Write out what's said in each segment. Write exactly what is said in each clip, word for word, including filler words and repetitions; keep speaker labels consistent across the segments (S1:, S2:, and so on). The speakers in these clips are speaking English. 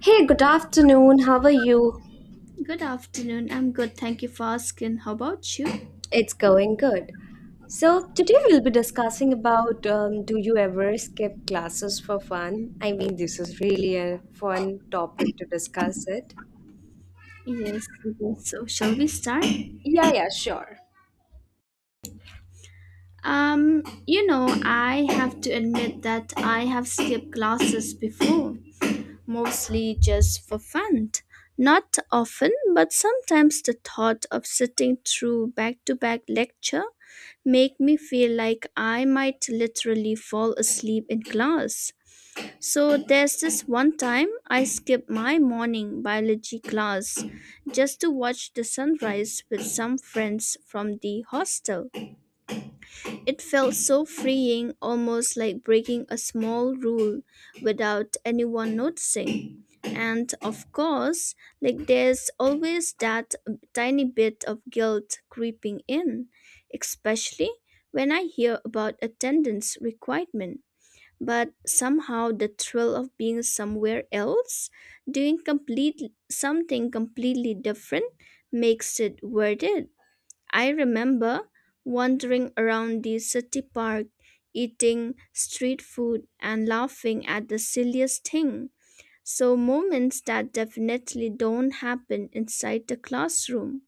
S1: Hey, good afternoon. How are you?
S2: Good afternoon. I'm good. Thank you for asking. How about you?
S1: It's going good. So today we'll be discussing about um, do you ever skip classes for fun? I mean, this is really a fun topic to discuss it.
S2: Yes. yes. So, shall we start?
S1: Yeah, yeah, sure.
S2: Um, you know, I have to admit that I have skipped classes before, mostly just for fun. Not often, but sometimes the thought of sitting through back-to-back lecture make me feel like I might literally fall asleep in class. So there's this one time I skipped my morning biology class just to watch the sunrise with some friends from the hostel. It felt so freeing, almost like breaking a small rule without anyone noticing. And of course, like there's always that tiny bit of guilt creeping in, especially when I hear about attendance requirement, but somehow the thrill of being somewhere else, doing complete something completely different makes it worth it. I remember wandering around the city park, eating street food and laughing at the silliest thing. So moments that definitely don't happen inside the classroom.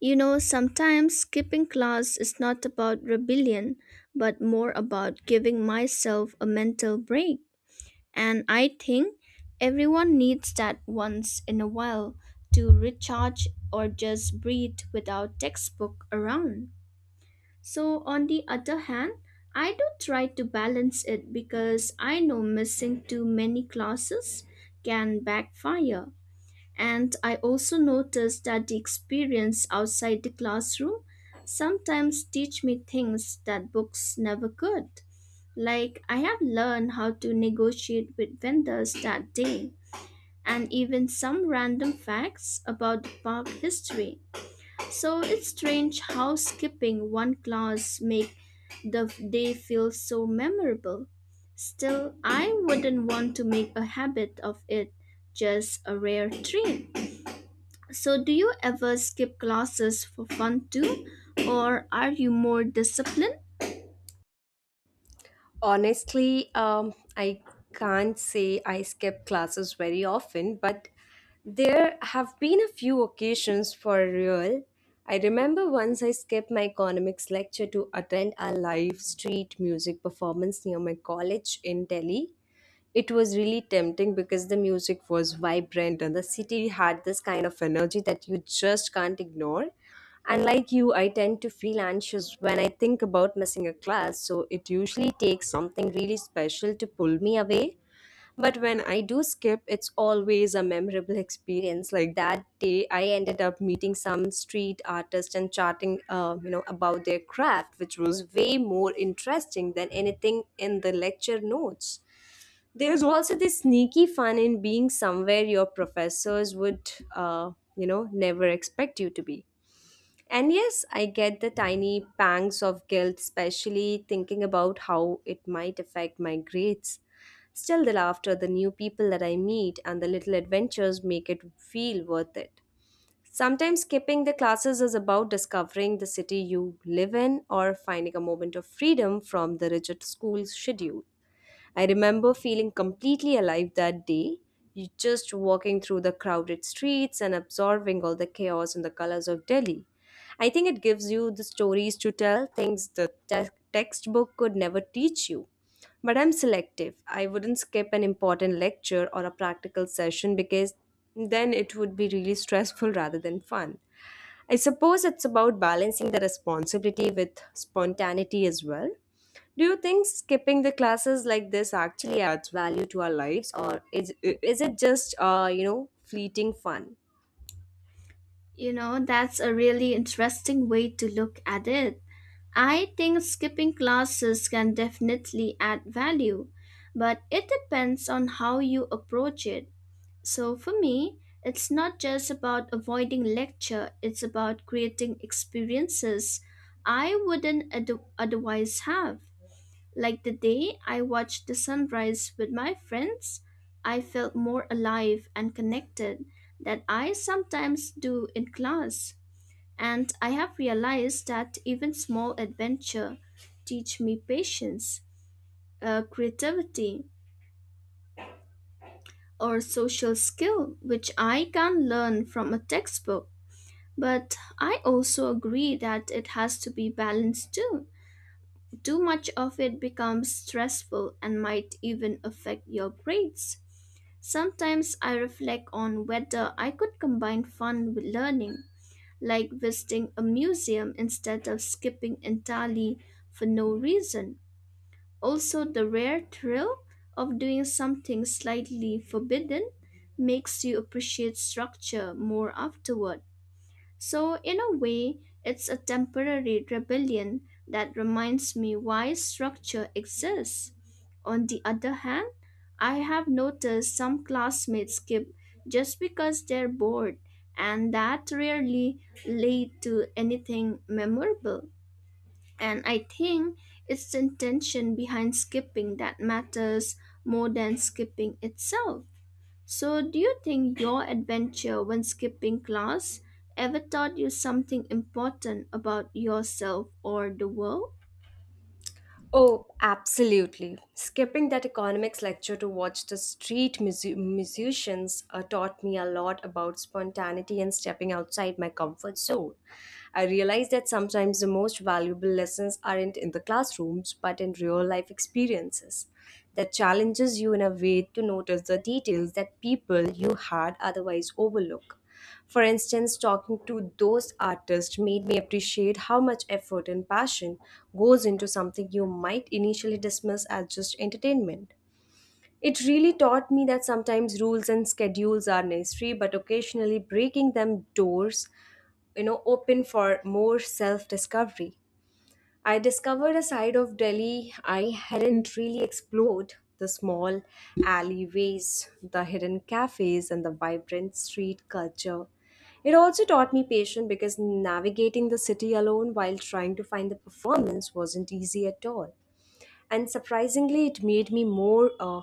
S2: You know, sometimes skipping class is not about rebellion, but more about giving myself a mental break. And I think everyone needs that once in a while to recharge or just breathe without textbook around. So, on the other hand, I do try to balance it because I know missing too many classes can backfire. And I also notice that the experience outside the classroom sometimes teach me things that books never could. Like, I have learned how to negotiate with vendors that day, and even some random facts about the park history. So it's strange how skipping one class make the day feel so memorable. Still, I wouldn't want to make a habit of it, just a rare treat. So, do you ever skip classes for fun too, or are you more disciplined?
S1: Honestly, um, I can't say I skip classes very often, but there have been a few occasions for real. I remember once I skipped my economics lecture to attend a live street music performance near my college in Delhi. It was really tempting because the music was vibrant and the city had this kind of energy that you just can't ignore. And like you, I tend to feel anxious when I think about missing a class, so it usually takes something really special to pull me away. But when I do skip, it's always a memorable experience. Like that day, I ended up meeting some street artist and chatting, uh, you know, about their craft, which was way more interesting than anything in the lecture notes. There's also this sneaky fun in being somewhere your professors would, uh, you know, never expect you to be. And yes, I get the tiny pangs of guilt, especially thinking about how it might affect my grades. Still, the laughter, the new people that I meet, and the little adventures make it feel worth it. Sometimes skipping the classes is about discovering the city you live in or finding a moment of freedom from the rigid school schedule. I remember feeling completely alive that day, you- just walking through the crowded streets and absorbing all the chaos and the colors of Delhi. I think it gives you the stories to tell, things the te- textbook could never teach you. But I'm selective. I wouldn't skip an important lecture or a practical session because then it would be really stressful rather than fun. I suppose it's about balancing the responsibility with spontaneity as well. Do you think skipping the classes like this actually adds value to our lives, or is is it just uh, you know fleeting fun?
S2: You know, that's a really interesting way to look at it. I think skipping classes can definitely add value, but it depends on how you approach it. So for me, it's not just about avoiding lecture, it's about creating experiences I wouldn't oth- otherwise have. Like the day I watched the sunrise with my friends, I felt more alive and connected than I sometimes do in class. And I have realized that even small adventure teach me patience, uh, creativity, or social skill, which I can learn from a textbook. But I also agree that it has to be balanced too. Too much of it becomes stressful and might even affect your grades. Sometimes I reflect on whether I could combine fun with learning like visiting a museum instead of skipping entirely for no reason. Also, the rare thrill of doing something slightly forbidden makes you appreciate structure more afterward. So, in a way, it's a temporary rebellion that reminds me why structure exists. On the other hand, I have noticed some classmates skip just because they're bored, and that rarely lead to anything memorable. And I think it's the intention behind skipping that matters more than skipping itself. So, do you think your adventure when skipping class ever taught you something important about yourself or the world?
S1: Oh, absolutely. Skipping that economics lecture to watch the street musi- musicians uh, taught me a lot about spontaneity and stepping outside my comfort zone. I realized that sometimes the most valuable lessons aren't in the classrooms but in real life experiences that challenges you in a way to notice the details that people you had otherwise overlook. For instance, talking to those artists made me appreciate how much effort and passion goes into something you might initially dismiss as just entertainment. It really taught me that sometimes rules and schedules are necessary, but occasionally breaking them doors, you know, open for more self discovery. I discovered a side of Delhi I hadn't really explored the small alleyways, the hidden cafes, and the vibrant street culture. It also taught me patience because navigating the city alone while trying to find the performance wasn't easy at all, and surprisingly it made me more uh,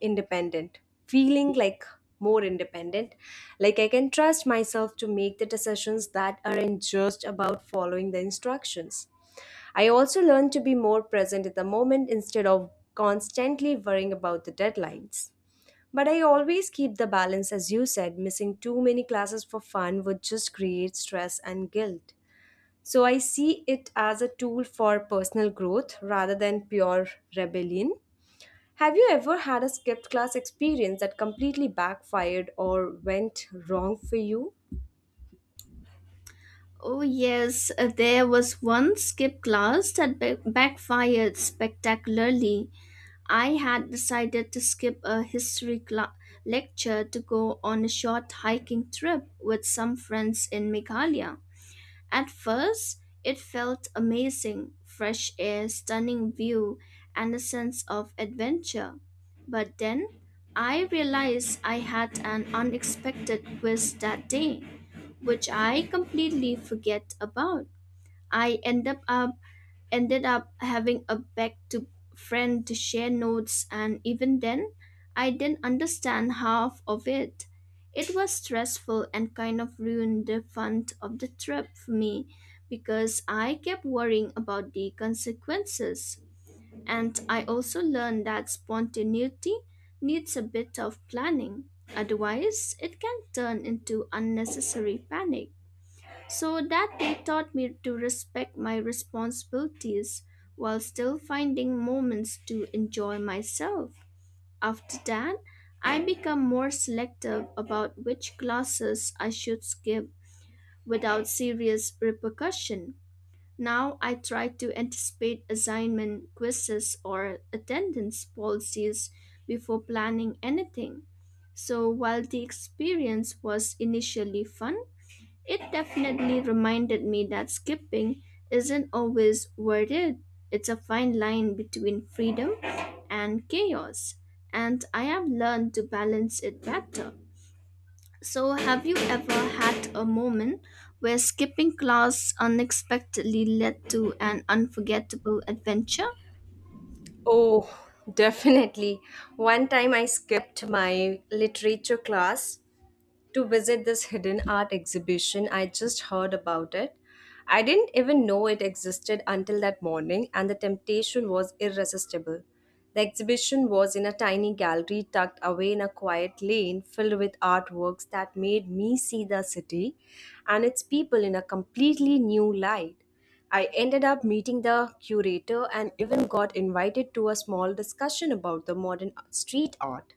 S1: independent, feeling like more independent, like I can trust myself to make the decisions that aren't just about following the instructions. I also learned to be more present at the moment instead of constantly worrying about the deadlines, but I always keep the balance. As you said, missing too many classes for fun would just create stress and guilt, so I see it as a tool for personal growth rather than pure rebellion. Have you ever had a skipped class experience that completely backfired or went wrong for you?
S2: Oh, yes, uh, there was one skip class that ba- backfired spectacularly. I had decided to skip a history cla- lecture to go on a short hiking trip with some friends in Meghalaya. At first, it felt amazing fresh air, stunning view, and a sense of adventure. But then I realized I had an unexpected quiz that day, which I completely forget about. I end up up ended up having a back to friend to share notes, and even then I didn't understand half of it. It was stressful and kind of ruined the fun of the trip for me because I kept worrying about the consequences. And I also learned that spontaneity needs a bit of planning, otherwise it can turn into unnecessary panic. So that day taught me to respect my responsibilities while still finding moments to enjoy myself. After that, I become more selective about which classes I should skip without serious repercussion. Now I try to anticipate assignment quizzes or attendance policies before planning anything. So while the experience was initially fun, it definitely reminded me that skipping isn't always worth it. It's a fine line between freedom and chaos, and I have learned to balance it better. So, have you ever had a moment where skipping class unexpectedly led to an unforgettable adventure?
S1: Oh, definitely. One time I skipped my literature class to visit this hidden art exhibition. I just heard about it. I didn't even know it existed until that morning, and the temptation was irresistible. The exhibition was in a tiny gallery tucked away in a quiet lane filled with artworks that made me see the city and its people in a completely new light. I ended up meeting the curator and even got invited to a small discussion about the modern street art.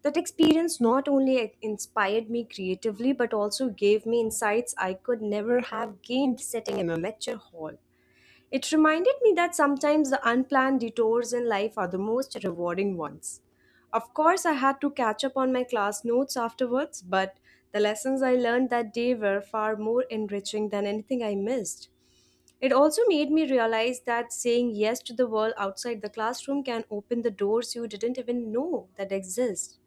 S1: That experience not only inspired me creatively but also gave me insights I could never have gained sitting in a lecture hall. It reminded me that sometimes the unplanned detours in life are the most rewarding ones. Of course, I had to catch up on my class notes afterwards, but the lessons I learned that day were far more enriching than anything I missed. It also made me realize that saying yes to the world outside the classroom can open the doors you didn't even know that exist.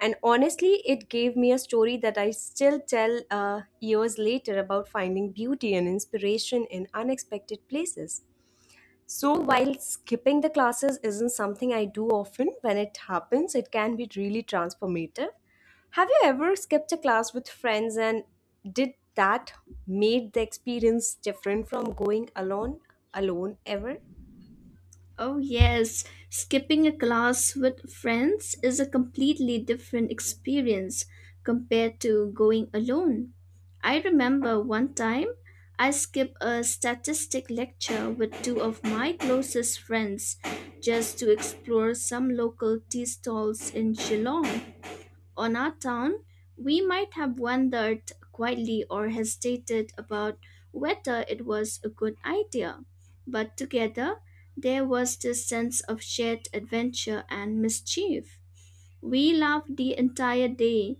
S1: And honestly, it gave me a story that I still tell uh, years later about finding beauty and inspiration in unexpected places. So, while skipping the classes isn't something I do often, when it happens, it can be really transformative. Have you ever skipped a class with friends, and did that made the experience different from going alone alone ever?
S2: Oh, yes, skipping a class with friends is a completely different experience compared to going alone. I remember one time I skipped a statistic lecture with two of my closest friends just to explore some local tea stalls in Geelong on our town, we might have wondered quietly or hesitated about whether it was a good idea. But together, there was this sense of shared adventure and mischief. We laughed the entire day,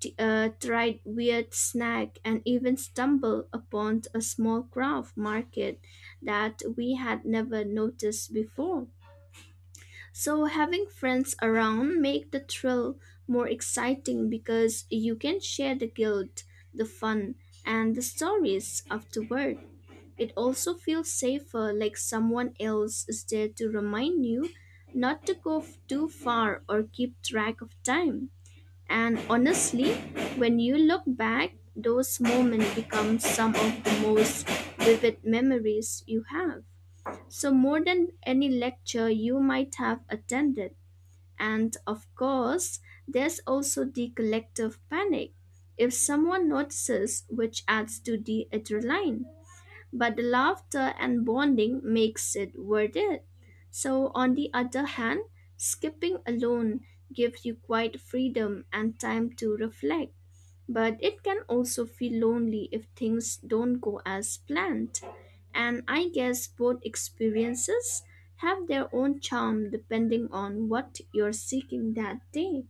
S2: t- uh, tried weird snack, and even stumbled upon a small craft market that we had never noticed before. So having friends around make the thrill more exciting because you can share the guilt, the fun, and the stories afterward. It also feels safer like someone else is there to remind you not to go f- too far or keep track of time. And honestly, when you look back, those moments become some of the most vivid memories you have. So more than any lecture you might have attended. And of course, there's also the collective panic if someone notices, which adds to the adrenaline. But the laughter and bonding makes it worth it. So, on the other hand, skipping alone gives you quite freedom and time to reflect. But it can also feel lonely if things don't go as planned. And I guess both experiences have their own charm depending on what you're seeking that day.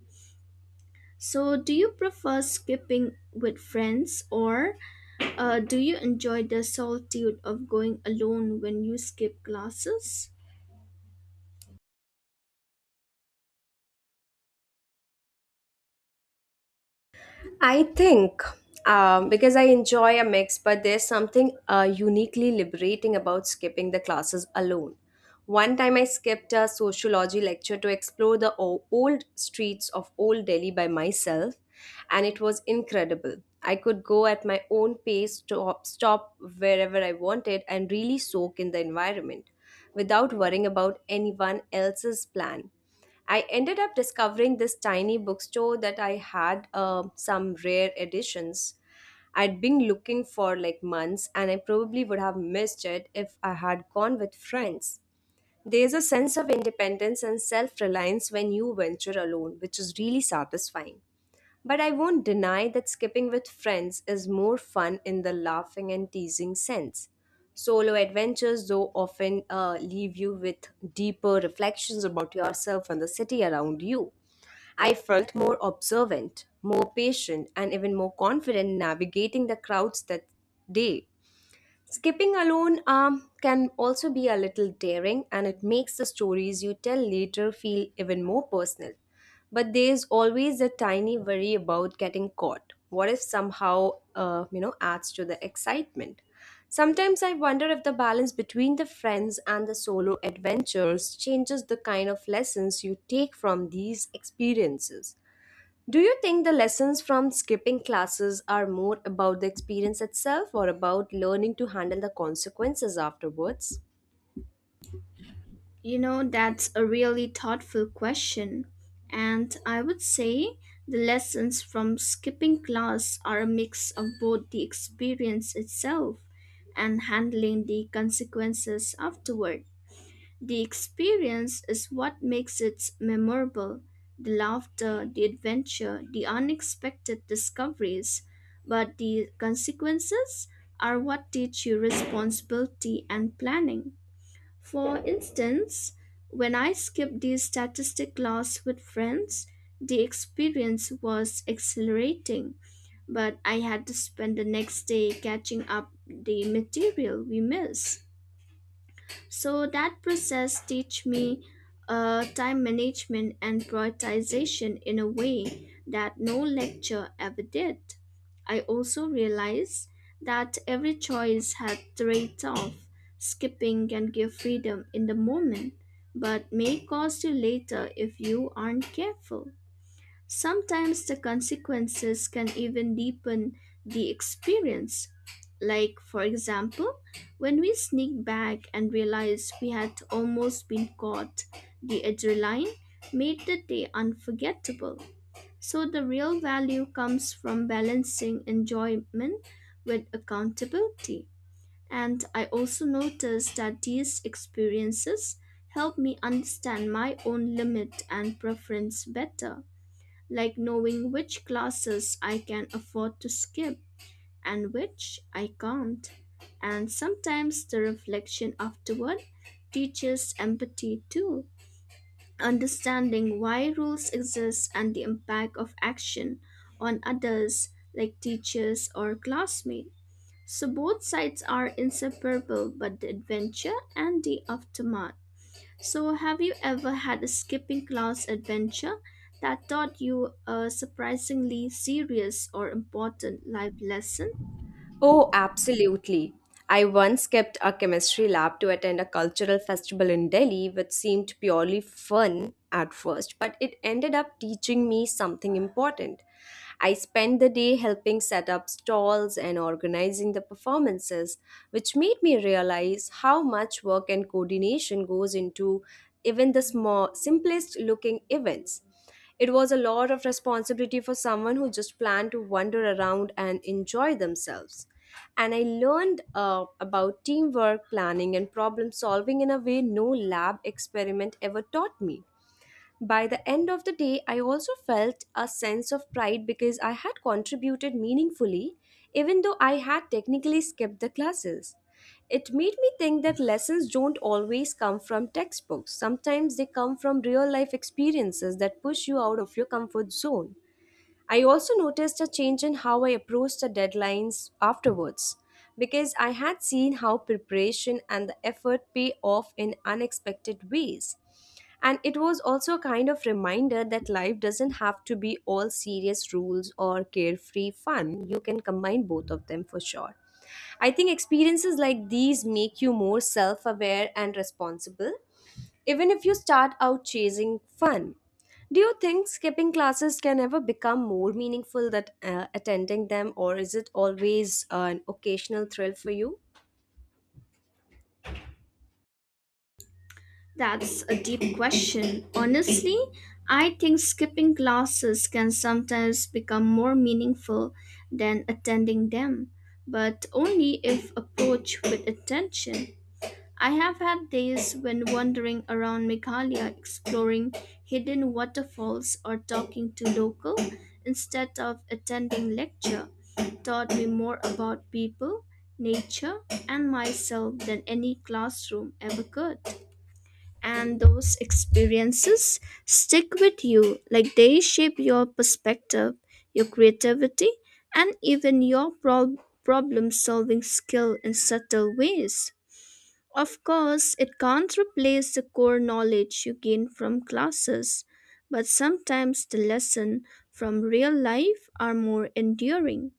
S2: So, do you prefer skipping with friends, or uh, do you enjoy the solitude of going alone when you skip classes?
S1: I think um, because I enjoy a mix, but there's something uh, uniquely liberating about skipping the classes alone. One time I skipped a sociology lecture to explore the o- old streets of Old Delhi by myself, and it was incredible. I could go at my own pace, stop, stop wherever I wanted, and really soak in the environment without worrying about anyone else's plan. I ended up discovering this tiny bookstore that I had uh, some rare editions. I'd been looking for like months, and I probably would have missed it if I had gone with friends. There's a sense of independence and self reliance when you venture alone, which is really satisfying. But I won't deny that skipping with friends is more fun in the laughing and teasing sense. Solo adventures, though, often uh, leave you with deeper reflections about yourself and the city around you. I felt more observant, more patient, and even more confident navigating the crowds that day. Skipping alone um, can also be a little daring, and it makes the stories you tell later feel even more personal. But there's always a tiny worry about getting caught. What if somehow, uh, you know, adds to the excitement? Sometimes I wonder if the balance between the friends and the solo adventures changes the kind of lessons you take from these experiences. Do you think the lessons from skipping classes are more about the experience itself or about learning to handle the consequences afterwards?
S2: You know, that's a really thoughtful question. And I would say the lessons from skipping class are a mix of both the experience itself and handling the consequences afterward. The experience is what makes it memorable the laughter, the adventure, the unexpected discoveries. But the consequences are what teach you responsibility and planning. For instance, when I skipped the statistic class with friends, the experience was exhilarating, but I had to spend the next day catching up the material we missed. So that process teach me uh, time management and prioritization in a way that no lecture ever did. I also realized that every choice had trade-off. Skipping can give freedom in the moment, but may cost you later if you aren't careful. Sometimes the consequences can even deepen the experience. Like, for example, when we sneak back and realize we had almost been caught, the adrenaline made the day unforgettable. So, the real value comes from balancing enjoyment with accountability. And I also noticed that these experiences help me understand my own limit and preference better like knowing which classes I can afford to skip and which I can't. And sometimes the reflection afterward teaches empathy too, understanding why rules exist and the impact of action on others, like teachers or classmates. So both sides are inseparable, but the adventure and the aftermath so, have you ever had a skipping class adventure that taught you a surprisingly serious or important life lesson?
S1: Oh, absolutely. I once kept a chemistry lab to attend a cultural festival in Delhi, which seemed purely fun at first, but it ended up teaching me something important. I spent the day helping set up stalls and organizing the performances, which made me realize how much work and coordination goes into even the small, simplest looking events. It was a lot of responsibility for someone who just planned to wander around and enjoy themselves. And I learned uh, about teamwork, planning, and problem solving in a way no lab experiment ever taught me. By the end of the day, I also felt a sense of pride because I had contributed meaningfully, even though I had technically skipped the classes. It made me think that lessons don't always come from textbooks. Sometimes they come from real life experiences that push you out of your comfort zone. I also noticed a change in how I approached the deadlines afterwards because I had seen how preparation and the effort pay off in unexpected ways. And it was also a kind of reminder that life doesn't have to be all serious rules or carefree fun. You can combine both of them for sure. I think experiences like these make you more self aware and responsible even if you start out chasing fun. Do you think skipping classes can ever become more meaningful than uh, attending them, or is it always uh, an occasional thrill for you?
S2: That's a deep question. Honestly, I think skipping classes can sometimes become more meaningful than attending them, but only if approached with attention. I have had days when wandering around Meghalaya exploring hidden waterfalls or talking to local instead of attending lecture taught me more about people, nature, and myself than any classroom ever could. And those experiences stick with you like they shape your perspective, your creativity, and even your prob- problem solving skill in subtle ways. Of course, it can't replace the core knowledge you gain from classes, but sometimes the lessons from real life are more enduring.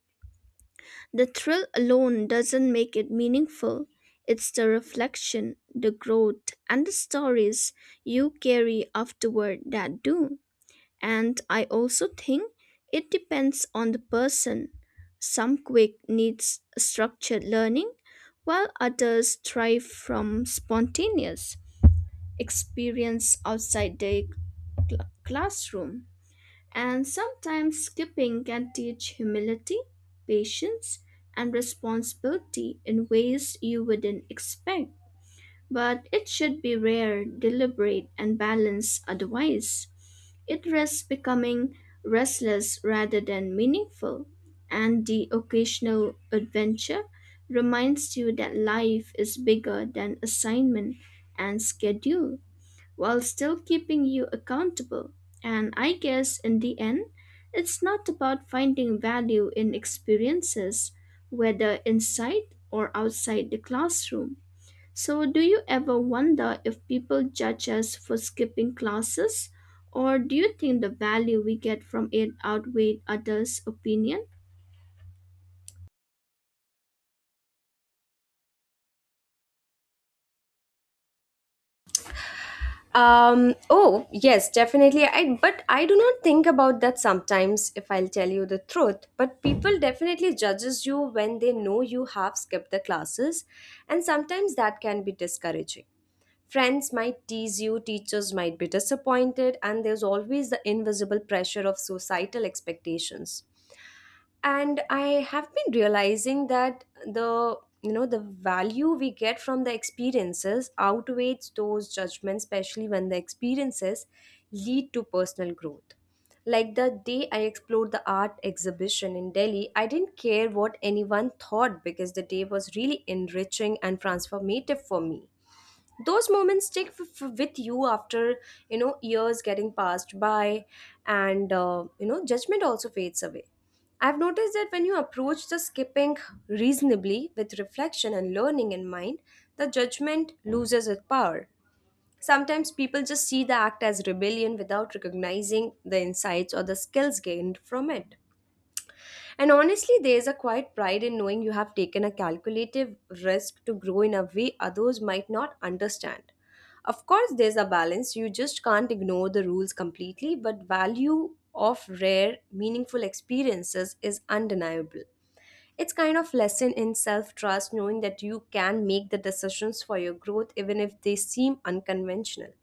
S2: The thrill alone doesn't make it meaningful. It's the reflection, the growth, and the stories you carry afterward that do. And I also think it depends on the person. Some quick needs structured learning, while others thrive from spontaneous experience outside the cl- classroom. And sometimes skipping can teach humility, patience, and responsibility in ways you wouldn't expect. But it should be rare, deliberate, and balanced otherwise. It risks becoming restless rather than meaningful, and the occasional adventure reminds you that life is bigger than assignment and schedule, while still keeping you accountable. And I guess in the end, it's not about finding value in experiences, whether inside or outside the classroom so, do you ever wonder if people judge us for skipping classes? Or do you think the value we get from it outweighs others' opinion?
S1: Um, oh, yes, definitely. I but I do not think about that sometimes, if I'll tell you the truth. But people definitely judges you when they know you have skipped the classes, and sometimes that can be discouraging. Friends might tease you, teachers might be disappointed, and there's always the invisible pressure of societal expectations. And I have been realizing that the you know the value we get from the experiences outweighs those judgments, especially when the experiences lead to personal growth. Like the day I explored the art exhibition in Delhi, I didn't care what anyone thought because the day was really enriching and transformative for me. Those moments stick f- f- with you after, you know years getting passed by, and uh, you know judgment also fades away. I've noticed that when you approach the skipping reasonably, with reflection and learning in mind, the judgment loses its power. Sometimes people just see the act as rebellion without recognizing the insights or the skills gained from it. And honestly, there's a quiet pride in knowing you have taken a calculative risk to grow in a way others might not understand. Of course, there's a balance. You just can't ignore the rules completely, but value of rare, meaningful experiences is undeniable. It's kind of lesson in self-trust knowing that you can make the decisions for your growth even if they seem unconventional.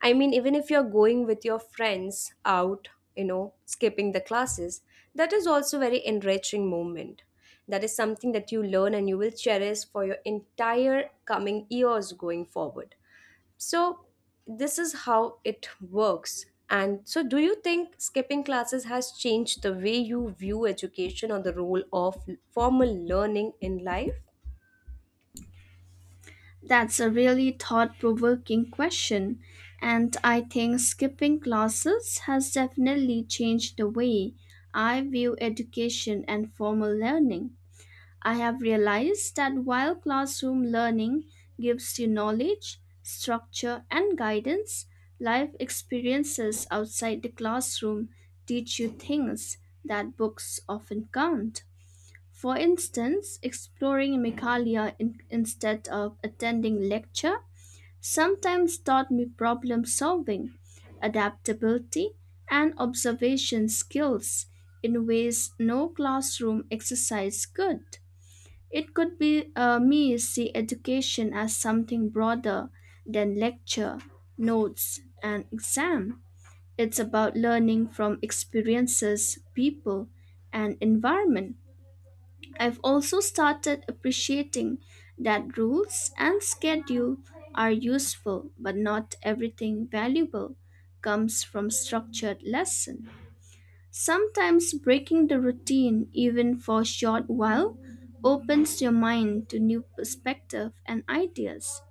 S1: I mean, even if you're going with your friends out, you know, skipping the classes, that is also very enriching moment. That is something that you learn and you will cherish for your entire coming years going forward. So this is how it works. And so do you think skipping classes has changed the way you view education or the role of formal learning in life?
S2: That's a really thought provoking question. And I think skipping classes has definitely changed the way I view education and formal learning. I have realized that while classroom learning gives you knowledge, structure, and guidance, life experiences outside the classroom teach you things that books often can't. For instance, exploring Megalia in- instead of attending lecture sometimes taught me problem solving, adaptability, and observation skills in ways no classroom exercise could. It could be uh, me see education as something broader than lecture, notes, and exam. It's about learning from experiences, people, and environment. I've also started appreciating that rules and schedule are useful, but not everything valuable comes from structured lesson. Sometimes breaking the routine, even for a short while, opens your mind to new perspective and ideas.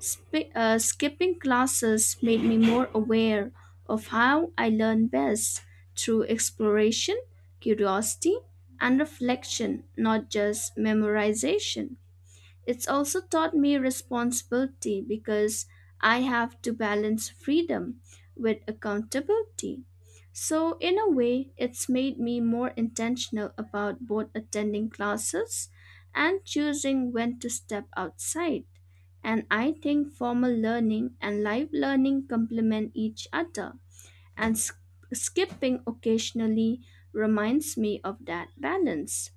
S2: Sp- uh, skipping classes made me more aware of how I learn best through exploration, curiosity, and reflection, not just memorization. It's also taught me responsibility because I have to balance freedom with accountability. So, in a way, it's made me more intentional about both attending classes and choosing when to step outside. And I think formal learning and live learning complement each other and sk- skipping occasionally reminds me of that balance.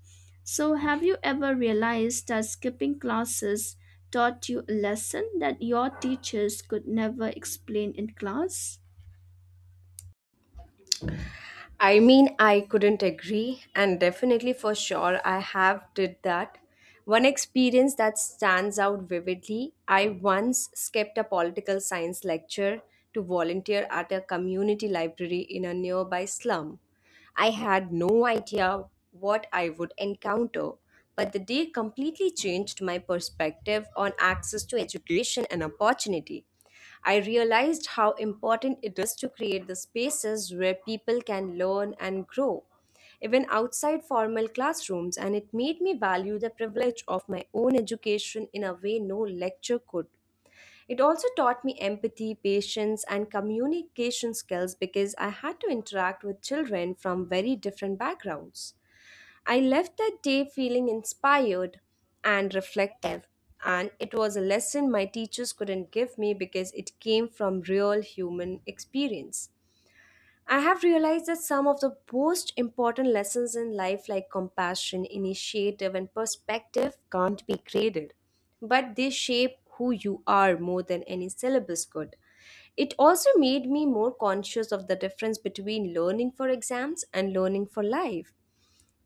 S2: So, have you ever realized that skipping classes taught you a lesson that your teachers could never explain in class?
S1: I mean, I couldn't agree, and definitely for sure, I have did that. One experience that stands out vividly I once skipped a political science lecture to volunteer at a community library in a nearby slum. I had no idea what I would encounter, but the day completely changed my perspective on access to education and opportunity. I realized how important it is to create the spaces where people can learn and grow, even outside formal classrooms, and it made me value the privilege of my own education in a way no lecture could. It also taught me empathy, patience, and communication skills because I had to interact with children from very different backgrounds. I left that day feeling inspired and reflective, and it was a lesson my teachers couldn't give me because it came from real human experience. I have realized that some of the most important lessons in life, like compassion, initiative, and perspective, can't be graded, but they shape who you are more than any syllabus could. It also made me more conscious of the difference between learning for exams and learning for life.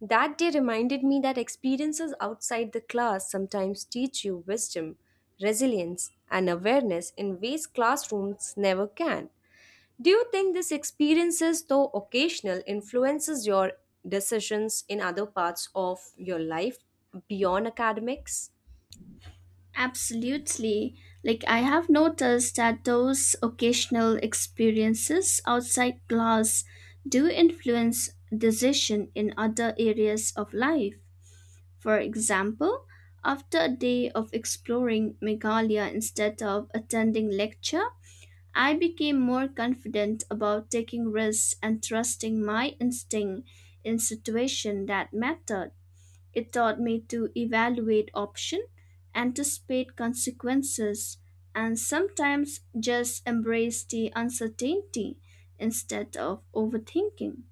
S1: That day reminded me that experiences outside the class sometimes teach you wisdom, resilience, and awareness in ways classrooms never can. Do you think these experiences, though occasional, influences your decisions in other parts of your life beyond academics?
S2: Absolutely. Like, I have noticed that those occasional experiences outside class do influence decision in other areas of life. For example, after a day of exploring Meghalaya instead of attending lecture, I became more confident about taking risks and trusting my instinct in situations that mattered. It taught me to evaluate options, anticipate consequences, and sometimes just embrace the uncertainty instead of overthinking.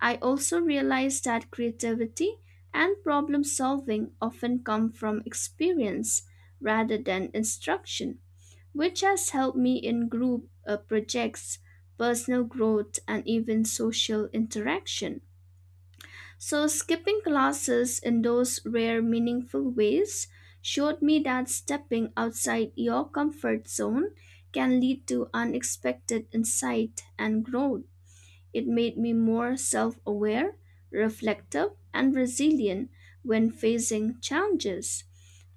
S2: I also realized that creativity and problem solving often come from experience rather than instruction, which has helped me in group uh, projects, personal growth, and even social interaction. So, skipping classes in those rare, meaningful ways showed me that stepping outside your comfort zone can lead to unexpected insight and growth. It made me more self aware, reflective, and resilient when facing challenges.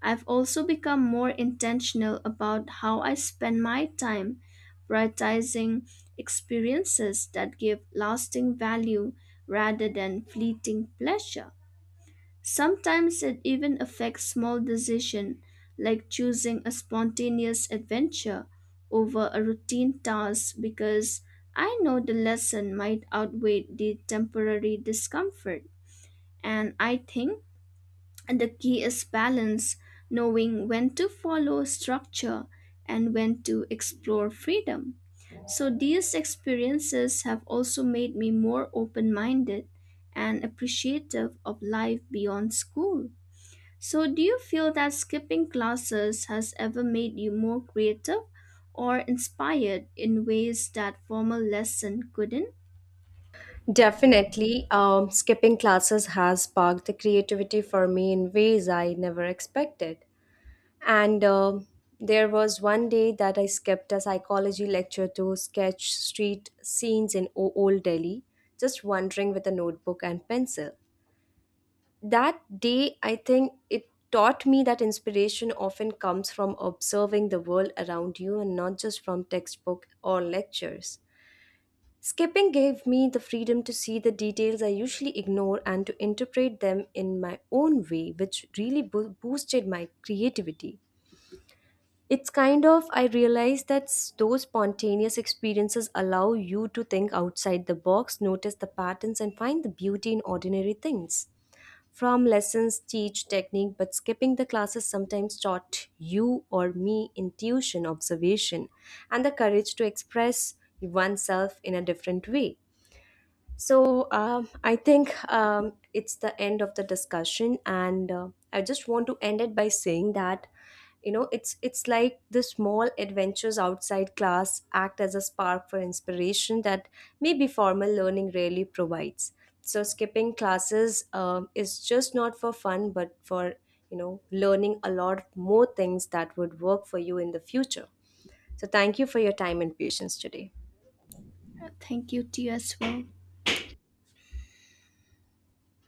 S2: I've also become more intentional about how I spend my time, prioritizing experiences that give lasting value rather than fleeting pleasure. Sometimes it even affects small decisions like choosing a spontaneous adventure over a routine task because I know the lesson might outweigh the temporary discomfort. And I think the key is balance, knowing when to follow structure and when to explore freedom. So these experiences have also made me more open minded and appreciative of life beyond school. So, do you feel that skipping classes has ever made you more creative or inspired in ways that formal lesson couldn't?
S1: Definitely, um, skipping classes has sparked the creativity for me in ways I never expected. And um there was one day that I skipped a psychology lecture to sketch street scenes in o- Old Delhi, just wandering with a notebook and pencil. That day, I think it taught me that inspiration often comes from observing the world around you and not just from textbook or lectures. Skipping gave me the freedom to see the details I usually ignore and to interpret them in my own way, which really bo- boosted my creativity. It's kind of, I realize that s- those spontaneous experiences allow you to think outside the box, notice the patterns, and find the beauty in ordinary things. From lessons, teach technique, but skipping the classes sometimes taught you or me intuition, observation, and the courage to express oneself in a different way. So um, I think um, it's the end of the discussion, and uh, I just want to end it by saying that you know it's it's like the small adventures outside class act as a spark for inspiration that maybe formal learning rarely provides. So skipping classes um is just not for fun, but for you know learning a lot more things that would work for you in the future. So thank you for your time and patience today.
S2: Uh, Thank you to you as well.